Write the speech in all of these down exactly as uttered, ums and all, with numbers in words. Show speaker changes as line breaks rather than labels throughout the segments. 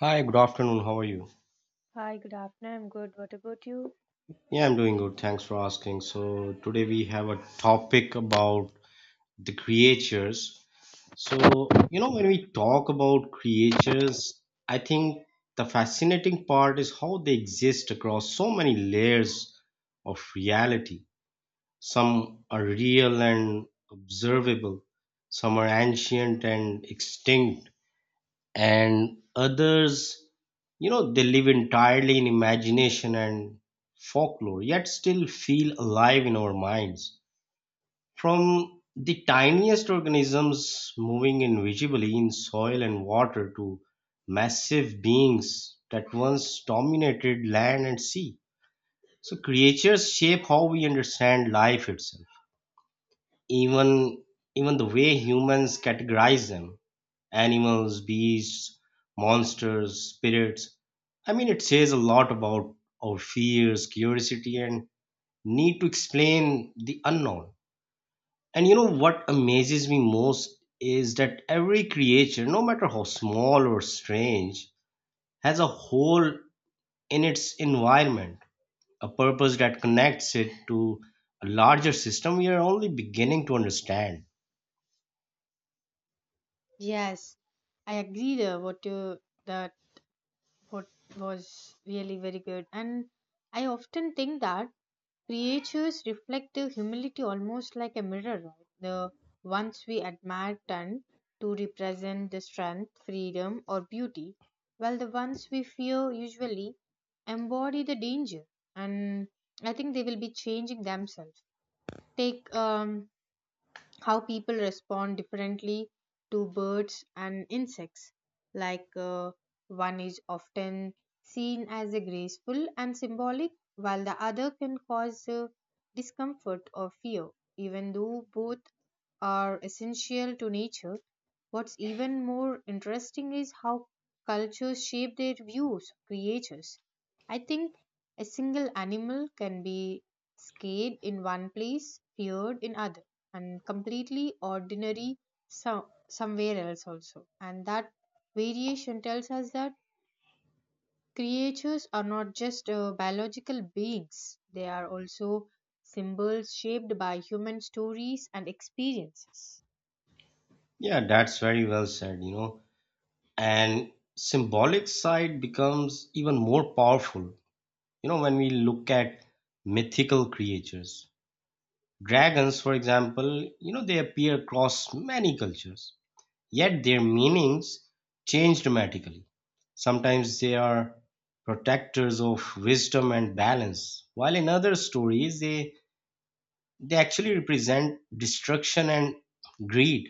Hi, good afternoon. How are you?
Hi, good afternoon. I'm good. What about you?
Yeah, I'm doing good. Thanks for asking. So, today
Yeah.
we have a topic about the creatures. So, you know, when we talk about creatures, I think the fascinating part is how they exist across so many layers of reality. Some are real and observable, some are ancient and extinct, and others you know they live entirely in imagination and folklore, yet still feel alive in our minds, from the tiniest organisms moving invisibly in soil and water to massive beings that once dominated land and sea. So creatures shape how we understand life itself, even even the way humans categorize them: animals, beasts, monsters, spirits. I mean, it says a lot about our fears, curiosity, and need to explain the unknown. And you know what amazes me most is that every creature, no matter how small or strange, has a hole in its environment, a purpose that connects it to a larger system we are only beginning to understand.
Yes, I agreed uh, what you that what was really very good, and I often think that creatures reflective humility almost like a mirror, right? The ones we admire tend to represent the strength, freedom, or beauty, while the ones we fear usually embody the danger. And I think they will be changing themselves. Take um, how people respond differently to birds and insects. Like uh, One is often seen as a graceful and symbolic, while the other can cause uh, discomfort or fear. Even though both are essential to nature, what's even more interesting is how cultures shape their views of creatures. I think a single animal can be scared in one place, feared in other and completely ordinary so- somewhere else also, and that variation tells us that creatures are not just uh, biological beings, they are also symbols shaped by human stories and experiences.
Yeah, that's very well said, you know, and symbolic side becomes even more powerful, you know, when we look at mythical creatures. Dragons, for example, you know, they appear across many cultures, yet their meanings change dramatically. Sometimes they are protectors of wisdom and balance, while in other stories they they actually represent destruction and greed.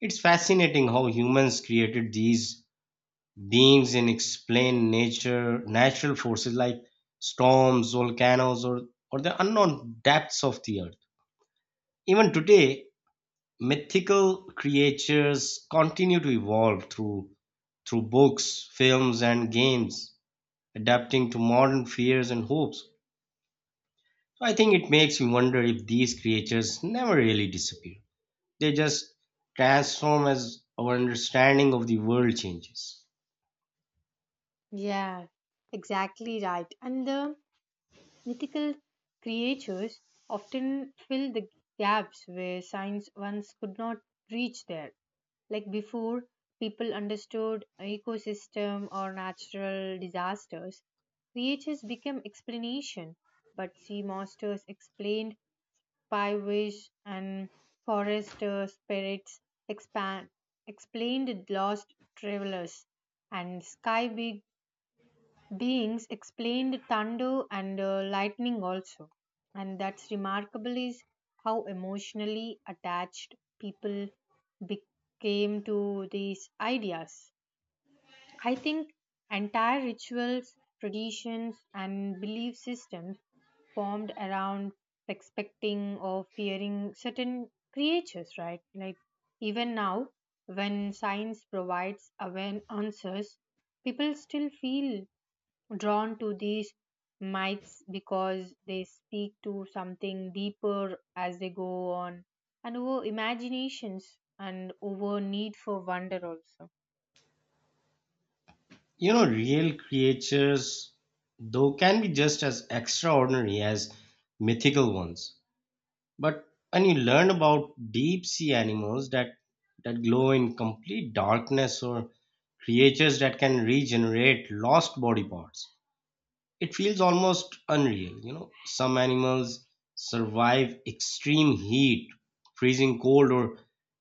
It's fascinating how humans created these beings in explain nature, natural forces like storms, volcanoes, or, or the unknown depths of the earth. Even today, mythical creatures continue to evolve through through books, films, and games, adapting to modern fears and hopes. So I think it makes me wonder if these creatures never really disappear. They just transform as our understanding of the world changes.
Yeah, exactly right. And the mythical creatures often fill the gaps where science once could not reach there. Like before, people understood ecosystem or natural disasters. Creatures became explanation, but sea monsters explained pie, and forest uh, spirits expand, explained lost travelers, and sky big beings explained thunder and uh, lightning also. And that's remarkable is how emotionally attached people became to these ideas. I think entire rituals, traditions, and belief systems formed around expecting or fearing certain creatures, right? Like even now, when science provides awan- answers, people still feel drawn to these myths because they speak to something deeper as they go on, and over imaginations and over need for wonder also.
You know, real creatures, though, can be just as extraordinary as mythical ones. But when you learn about deep sea animals that, that glow in complete darkness, or creatures that can regenerate lost body parts, it feels almost unreal. You know, some animals survive extreme heat, freezing cold, or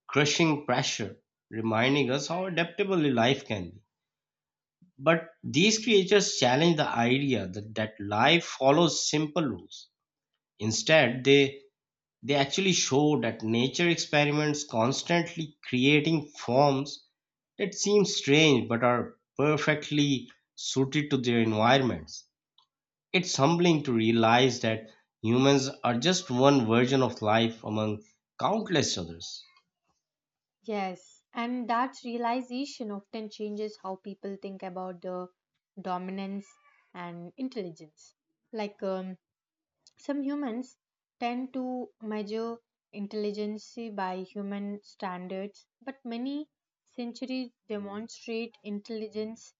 crushing pressure, reminding us how adaptable life can be. But these creatures challenge the idea that, that life follows simple rules. Instead, they, they actually show that nature experiments constantly, creating forms that seem strange but are perfectly suited to their environments. It's humbling to realize that humans are just one version of life among countless others.
Yes, and that realization often changes how people think about the dominance and intelligence. Like um, some humans tend to measure intelligence by human standards, but many centuries demonstrate intelligence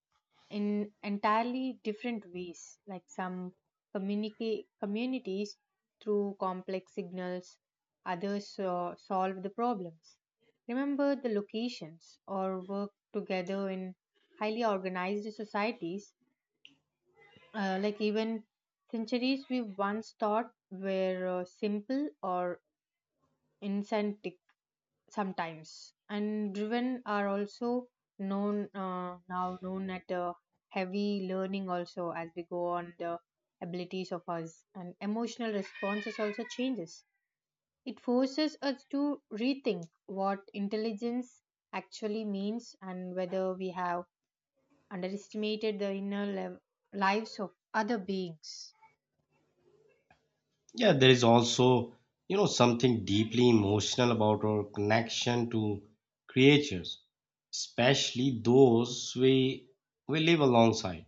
in entirely different ways. Like some communicate communities through complex signals, others uh, solve the problems, remember the locations, or work together in highly organized societies. Uh, like even centuries we once thought were uh, simple or incentric sometimes and driven are also known, uh, now known at uh, heavy learning also. As we go on, the abilities of us and emotional responses also changes. It forces us to rethink what intelligence actually means and whether we have underestimated the inner lev- lives of other beings.
Yeah, there is also, you know, something deeply emotional about our connection to creatures, especially those we we live alongside.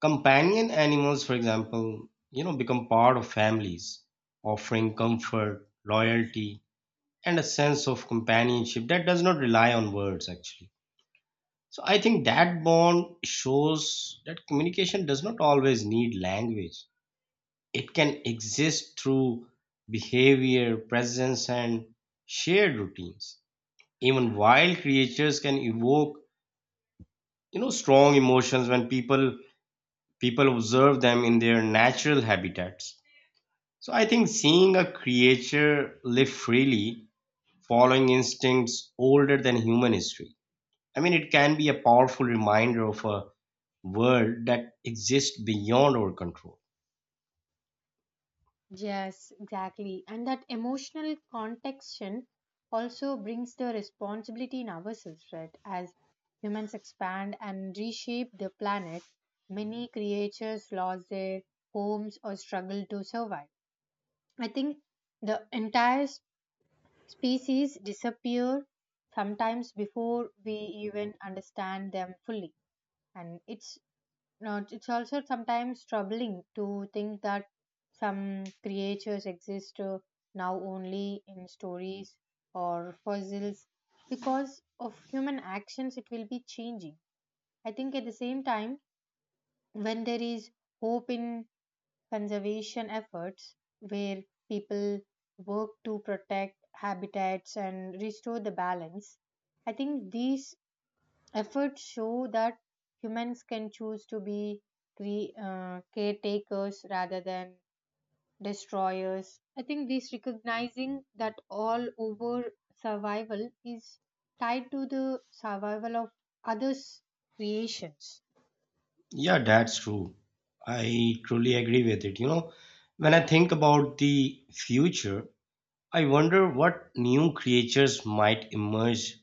Companion animals, for example, you know, become part of families, offering comfort, loyalty, and a sense of companionship that does not rely on words actually. So I think that bond shows that communication does not always need language. It can exist through behavior, presence, and shared routines. Even wild creatures can evoke, you know, strong emotions when people people observe them in their natural habitats. So I think seeing a creature live freely, following instincts older than human history, I mean, it can be a powerful reminder of a world that exists beyond our control.
Yes, exactly. And that emotional contextion also brings the responsibility in ourselves, right? As humans expand and reshape the planet, many creatures lost their homes or struggle to survive. I think the entire s- species disappear sometimes before we even understand them fully. And it's now, it's also sometimes troubling to think that some creatures exist uh, now only in stories or fossils because of human actions, it will be changing. I think at the same time, when there is hope in conservation efforts where people work to protect habitats and restore the balance, I think these efforts show that humans can choose to be cre- uh, caretakers rather than destroyers. I think this, recognizing that all over survival is tied to the survival of others' creations.
Yeah, that's true. I truly agree with it. You know, when I think about the future, I wonder what new creatures might emerge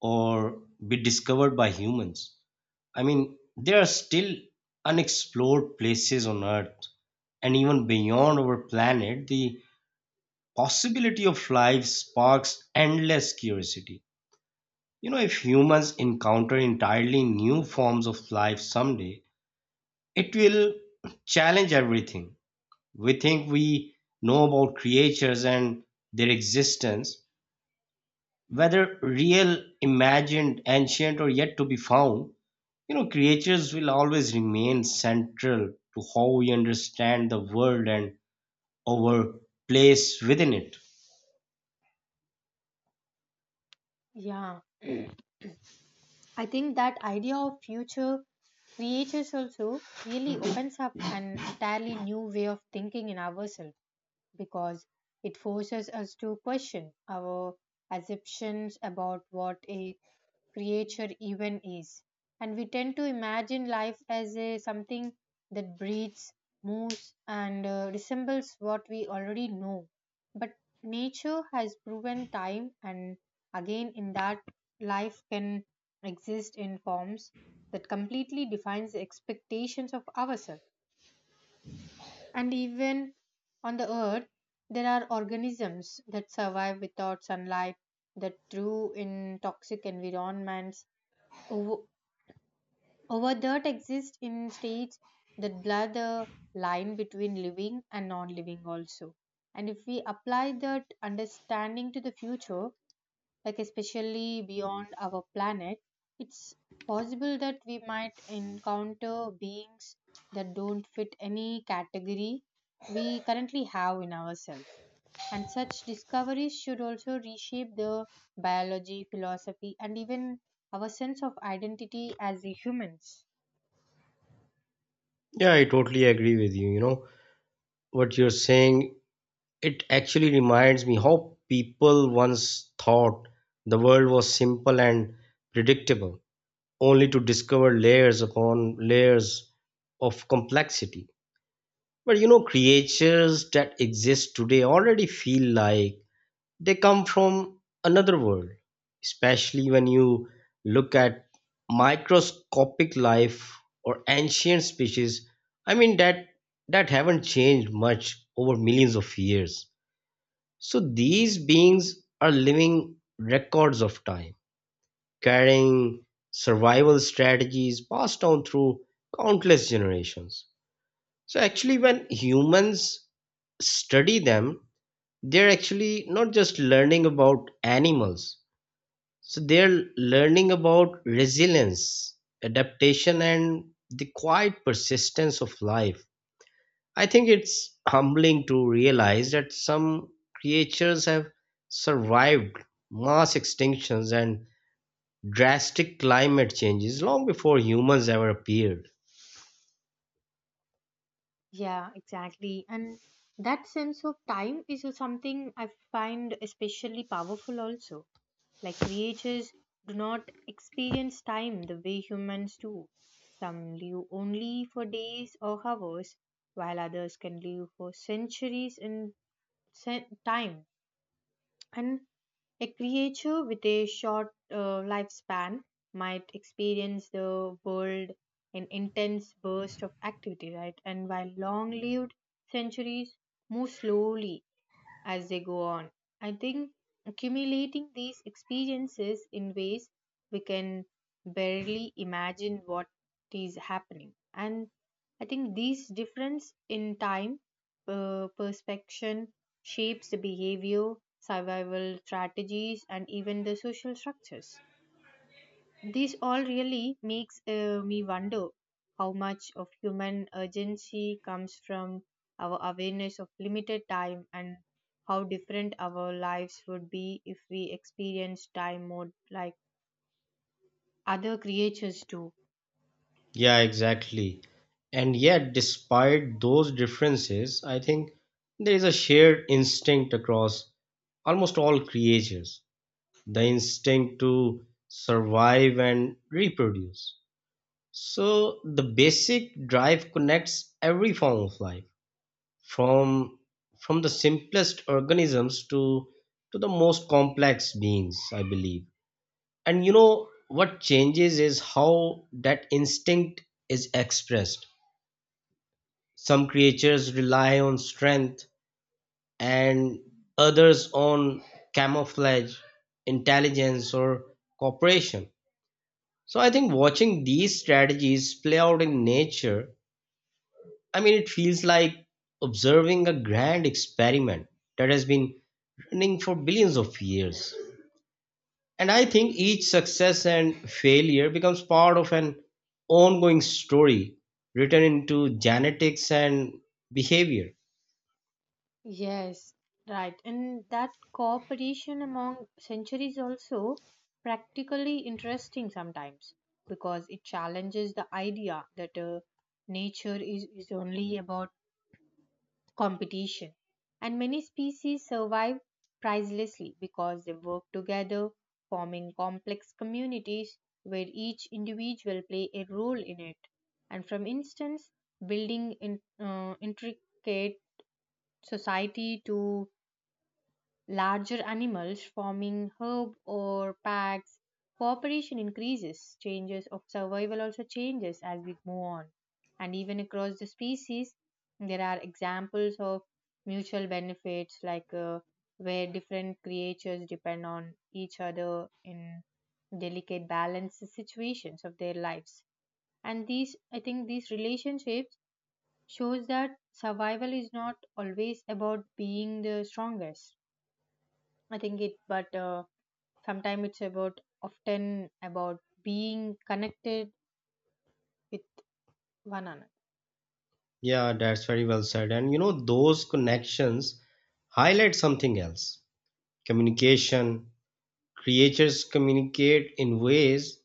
or be discovered by humans. I mean, there are still unexplored places on Earth and even beyond our planet. The possibility of life sparks endless curiosity. You know, if humans encounter entirely new forms of life someday, it will challenge everything we think we know about creatures and their existence, whether real, imagined, ancient, or yet to be found. You know, creatures will always remain central to how we understand the world and our place within it.
Yeah, I think that idea of future creators also really opens up an entirely new way of thinking in ourselves, because it forces us to question our assumptions about what a creature even is. And we tend to imagine life as a something that breathes, moves, and uh, resembles what we already know. But nature has proven time and again in that life can exist in forms that completely defines the expectations of ourselves. And even on the earth, there are organisms that survive without sunlight, that through in toxic environments, over, over that exist in states that blur the line between living and non living also. And if we apply that understanding to the future, like especially beyond our planet, it's possible that we might encounter beings that don't fit any category we currently have in ourselves. And such discoveries should also reshape the biology, philosophy, and even our sense of identity as the humans.
Yeah, I totally agree with you. You know, what you're saying, it actually reminds me how people once thought the world was simple and predictable, only to discover layers upon layers of complexity. But you know, creatures that exist today already feel like they come from another world, especially when you look at microscopic life or ancient species. I mean that that haven't changed much over millions of years. So these beings are living records of time, carrying survival strategies passed down through countless generations. So, actually, when humans study them, they're actually not just learning about animals, so they're learning about resilience, adaptation, and the quiet persistence of life. I think it's humbling to realize that some creatures have survived mass extinctions and drastic climate changes long before humans ever appeared.
Yeah, exactly. And that sense of time is something I find especially powerful also. Like creatures do not experience time the way humans do. Some live only for days or hours, while others can live for centuries in sen- time. And a creature with a short uh, lifespan might experience the world in intense bursts of activity, right? And while long lived centuries move slowly as they go on. I think accumulating these experiences in ways we can barely imagine what is happening. And I think these difference in time, uh, perspection shapes the behavior, survival strategies, and even the social structures. This all really makes uh, me wonder how much of human urgency comes from our awareness of limited time and how different our lives would be if we experience time more like other creatures do.
Yeah, exactly. And yet, despite those differences, I think there is a shared instinct across almost all creatures, the instinct to survive and reproduce. So, the basic drive connects every form of life from from the simplest organisms to to the most complex beings, I believe. And you know what changes is how that instinct is expressed. Some creatures rely on strength, and others on camouflage, intelligence, or cooperation. So I think watching these strategies play out in nature, I mean, it feels like observing a grand experiment that has been running for billions of years. And I think each success and failure becomes part of an ongoing story, written into genetics and behavior.
Yes, right. And that cooperation among centuries also practically interesting sometimes, because it challenges the idea that uh, nature is, is only about competition, and many species survive pricelessly because they work together, forming complex communities where each individual play a role in it. And from instance, building in, uh, intricate society to larger animals forming herd or packs. Cooperation increases, changes of survival also changes as we move on. And even across the species, there are examples of mutual benefits, like uh, where different creatures depend on each other in delicate balance situations of their lives. And these, I think these relationships shows that survival is not always about being the strongest. I think it, but uh, sometimes it's about, often about being connected with one another.
Yeah, that's very well said. And you know, those connections highlight something else: communication. Creatures communicate in ways,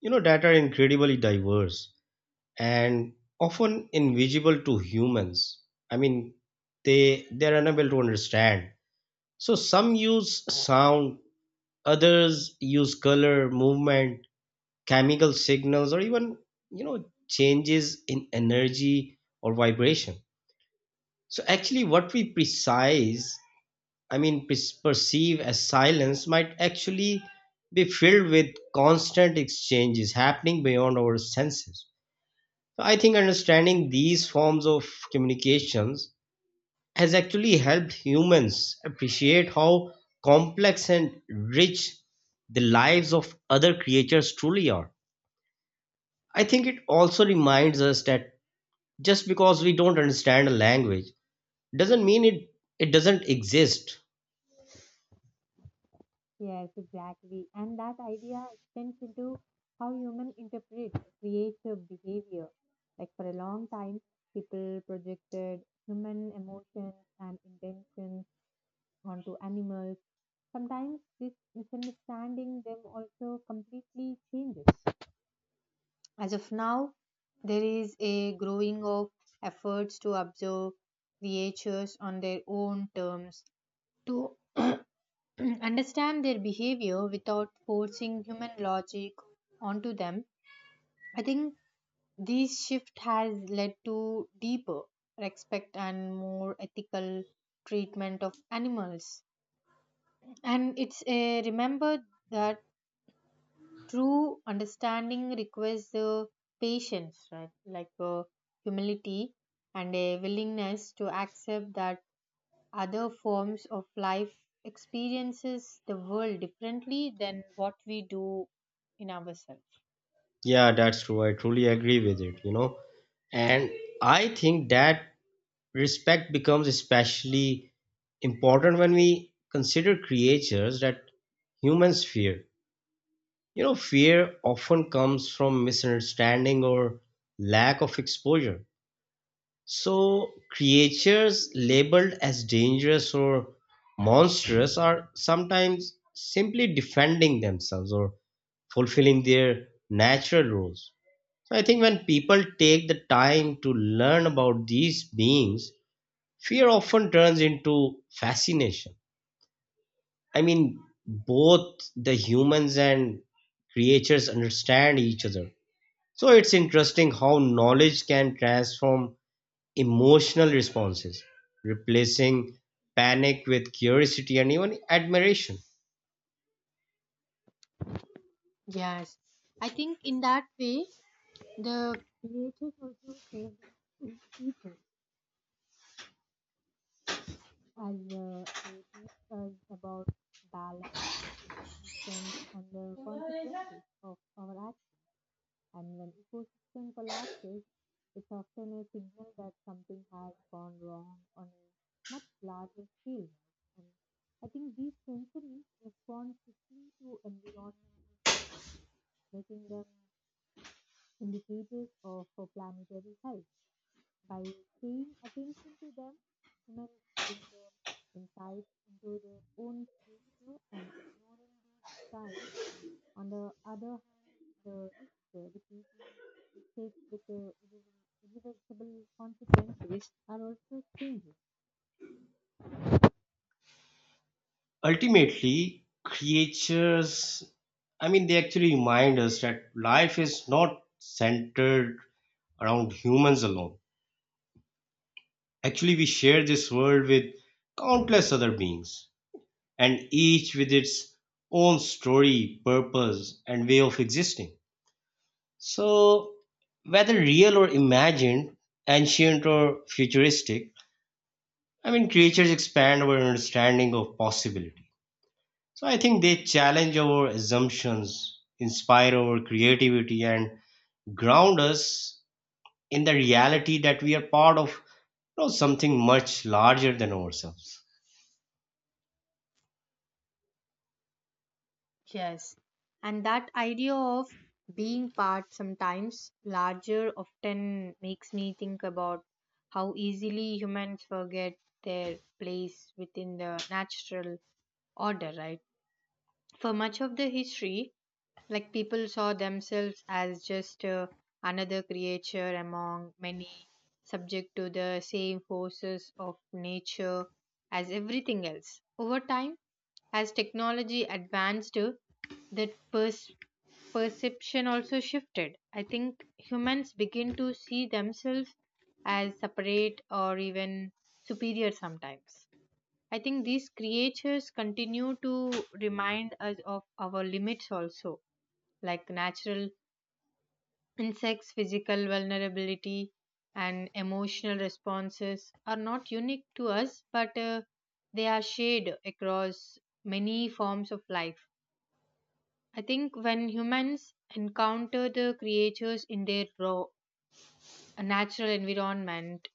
you know, that are incredibly diverse and often invisible to humans. I mean, they they're unable to understand. So some use sound. Others use color, movement, chemical signals, or even, you know, changes in energy or vibration. So actually, what we precise, I mean, pers- perceive as silence might actually be filled with constant exchanges happening beyond our senses. So I think understanding these forms of communications has actually helped humans appreciate how complex and rich the lives of other creatures truly are. I think it also reminds us that just because we don't understand a language doesn't mean it it doesn't exist.
Yes, exactly. And that idea extends into how humans interpret creative behavior. Like for a long time, people projected human emotions and intentions onto animals. Sometimes this misunderstanding them also completely changes. As of now, there is a growing of efforts to observe creatures on their own terms, to understand their behavior without forcing human logic onto them. I think this shift has led to deeper respect and more ethical treatment of animals. And it's a remember that true understanding requires uh, patience, right? Like uh, humility, and a willingness to accept that other forms of life experiences the world differently than what we do in ourselves.
Yeah, that's true. I truly agree with it, you know. And I think that respect becomes especially important when we consider creatures that humans fear. You know, fear often comes from misunderstanding or lack of exposure. So, creatures labeled as dangerous or monstrous are sometimes simply defending themselves or fulfilling their natural roles. So, I think when people take the time to learn about these beings, fear often turns into fascination. I mean, both the humans and creatures understand each other. So it's interesting how knowledge can transform emotional responses, replacing panic with curiosity and even admiration.
Yes, I think in that way, the creators also serve as teachers, as uh, they teach us about balance, resistance, and the consequences of our actions. And when ecosystem collapses, it's often a signal that something has gone wrong on a much larger scale. And I think these sensories respond quickly to environmental changes, making them indicators of for planetary health. By paying attention to them, humans gain the insights into their own future, and ignoring these signs on the other hand, the risk repeating mistakes with uh, irre- irreversible consequences are also changing.
Ultimately, creatures, I mean, they actually remind us that life is not centered around humans alone. Actually, we share this world with countless other beings, and each with its own story, purpose, and way of existing. So, whether real or imagined, ancient or futuristic, I mean, creatures expand our understanding of possibility. So, I think they challenge our assumptions, inspire our creativity, and ground us in the reality that we are part of, you know, something much larger than ourselves.
Yes. And that idea of being part sometimes larger often makes me think about how easily humans forget their place within the natural order, right? For much of the history, like people saw themselves as just uh, another creature among many, subject to the same forces of nature as everything else. Over time, as technology advanced, uh, that pers- perception also shifted. I think humans begin to see themselves as separate or even superior sometimes. I think these creatures continue to remind us of our limits also, like natural insects, physical vulnerability, and emotional responses are not unique to us, but uh, they are shared across many forms of life. I think when humans encounter the creatures in their raw, natural environment,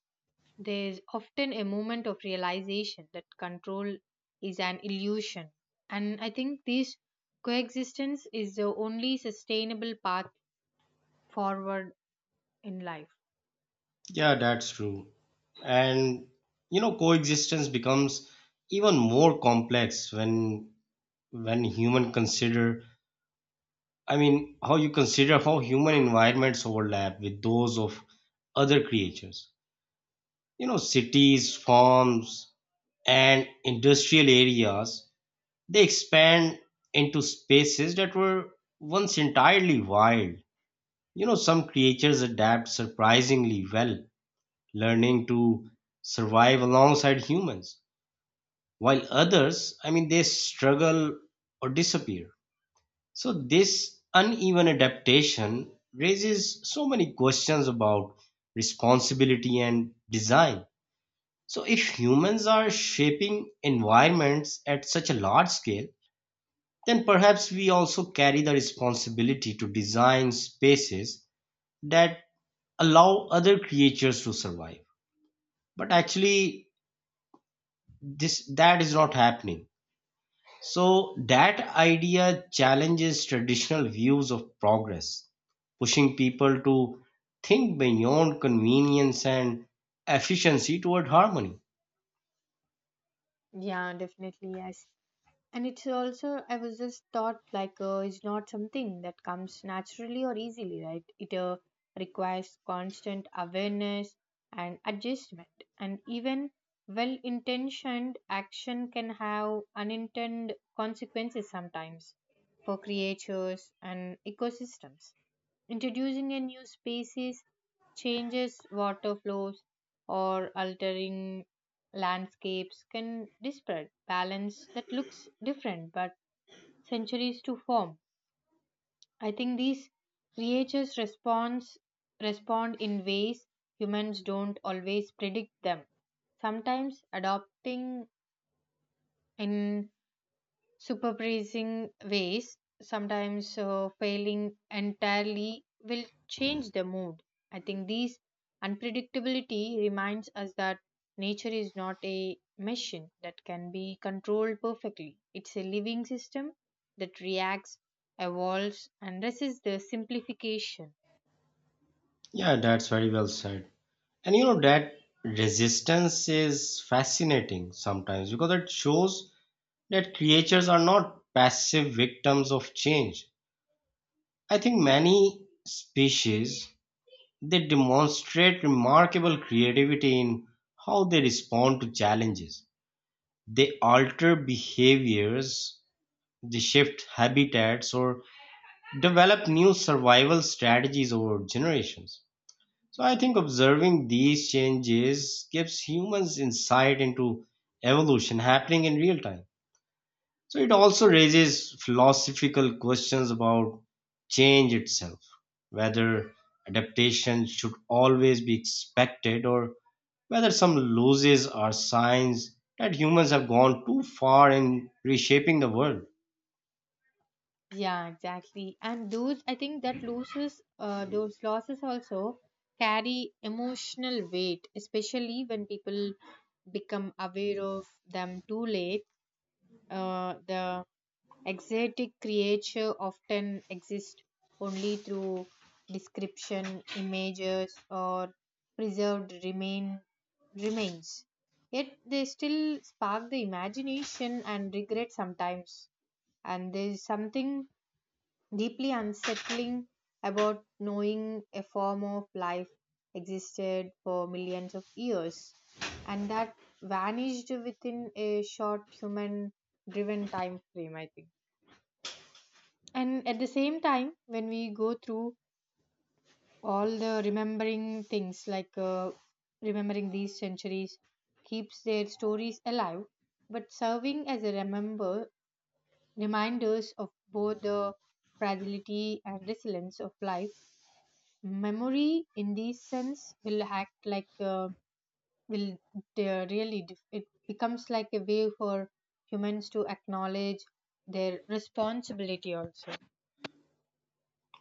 there is often a moment of realization that control is an illusion. And I think this coexistence is the only sustainable path forward in life.
Yeah, that's true. And, you know, coexistence becomes even more complex when when human consider, I mean, how you consider how human environments overlap with those of other creatures. You know, cities, farms, and industrial areas, they expand into spaces that were once entirely wild. You know, some creatures adapt surprisingly well, learning to survive alongside humans, while others, I mean, they struggle or disappear. So this uneven adaptation raises so many questions about responsibility and design. So if humans are shaping environments at such a large scale, then perhaps we also carry the responsibility to design spaces that allow other creatures to survive. But actually this that is not happening. So that idea challenges traditional views of progress, pushing people to think beyond convenience and efficiency toward harmony.
Yeah, definitely, yes. And it's also, I was just thought like uh, it's not something that comes naturally or easily, right? It uh, requires constant awareness and adjustment. And even well intentioned action can have unintended consequences sometimes for creatures and ecosystems. Introducing a new species, changes water flows, or altering landscapes can disparate balance that looks different but centuries to form. I think these creatures responds respond in ways humans don't always predict them. Sometimes adopting in supervising ways, sometimes uh, failing entirely, will change the mood. I think these unpredictability reminds us that nature is not a machine that can be controlled perfectly. It's a living system that reacts, evolves, and resists the simplification.
Yeah, that's very well said. And you know, that resistance is fascinating sometimes because it shows that creatures are not passive victims of change. I think many species they demonstrate remarkable creativity in how they respond to challenges. They alter behaviors, they shift habitats, or develop new survival strategies over generations. So I think observing these changes gives humans insight into evolution happening in real time. So it also raises philosophical questions about change itself, whether adaptation should always be expected, or whether some losses are signs that humans have gone too far in reshaping the world.
Yeah, exactly. And those, I think that losses, uh, those losses also carry emotional weight, especially when people become aware of them too late. Uh, the exotic creature often exists only through description, images, or preserved remain remains. Yet they still spark the imagination and regret sometimes. And there's something deeply unsettling about knowing a form of life existed for millions of years and that vanished within a short human driven time frame, I think. And at the same time, when we go through all the remembering things, like uh, remembering these centuries keeps their stories alive, but serving as a remember reminders of both the fragility and resilience of life. Memory in this sense will act like, uh, will uh, really dif- it becomes like a way for humans to acknowledge their responsibility also.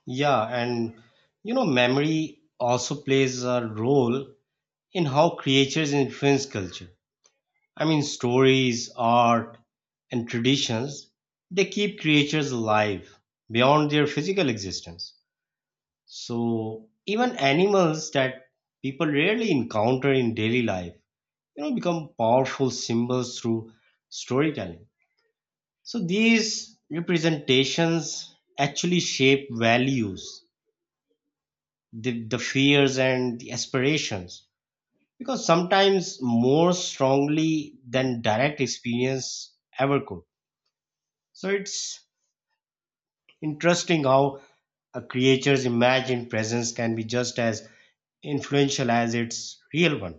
Yeah, and you know, memory also plays a role in how creatures influence culture. I mean, stories, art, and traditions, they keep creatures alive beyond their physical existence. So, even animals that people rarely encounter in daily life, you know, become powerful symbols through storytelling. So these representations actually shape values, the, the fears and the aspirations, because sometimes more strongly than direct experience ever could. So it's interesting how a creature's imagined presence can be just as influential as its real one,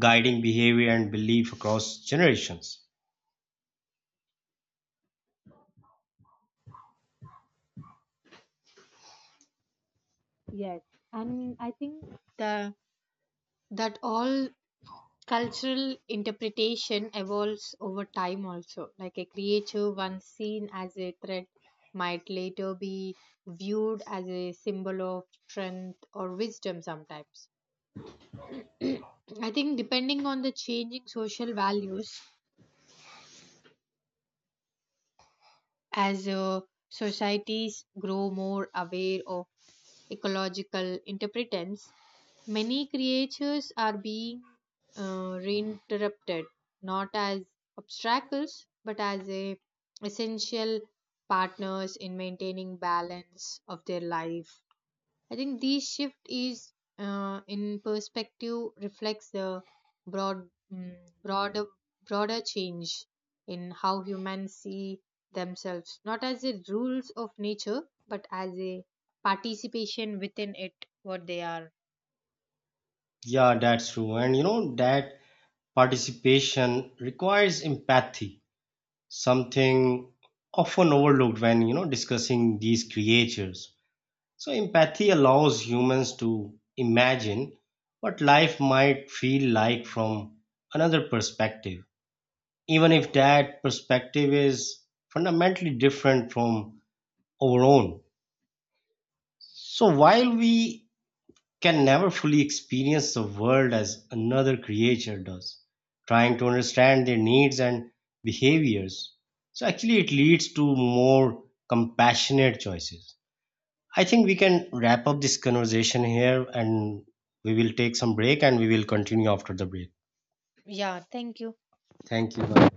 guiding behavior and belief across generations.
Yes, and I think the that all cultural interpretation evolves over time also, like a creature once seen as a threat might later be viewed as a symbol of strength or wisdom sometimes. I think depending on the changing social values, as uh, societies grow more aware of ecological interpretance, many creatures are being uh, reinterpreted not as obstacles but as a essential partners in maintaining balance of their life. I think this shift is uh, in perspective reflects the broad, mm, broader, broader change in how humans see themselves, not as the rules of nature, but as a participation within it, what they are.
Yeah, that's true. And you know, that participation requires empathy, something often overlooked when, you know, discussing these creatures. So empathy allows humans to imagine what life might feel like from another perspective, even if that perspective is fundamentally different from our own. So while we can never fully experience the world as another creature does, trying to understand their needs and behaviors, so, actually, it leads to more compassionate choices. I think we can wrap up this conversation here, and we will take some break and we will continue after the break.
Yeah, thank you.
Thank you. Bye.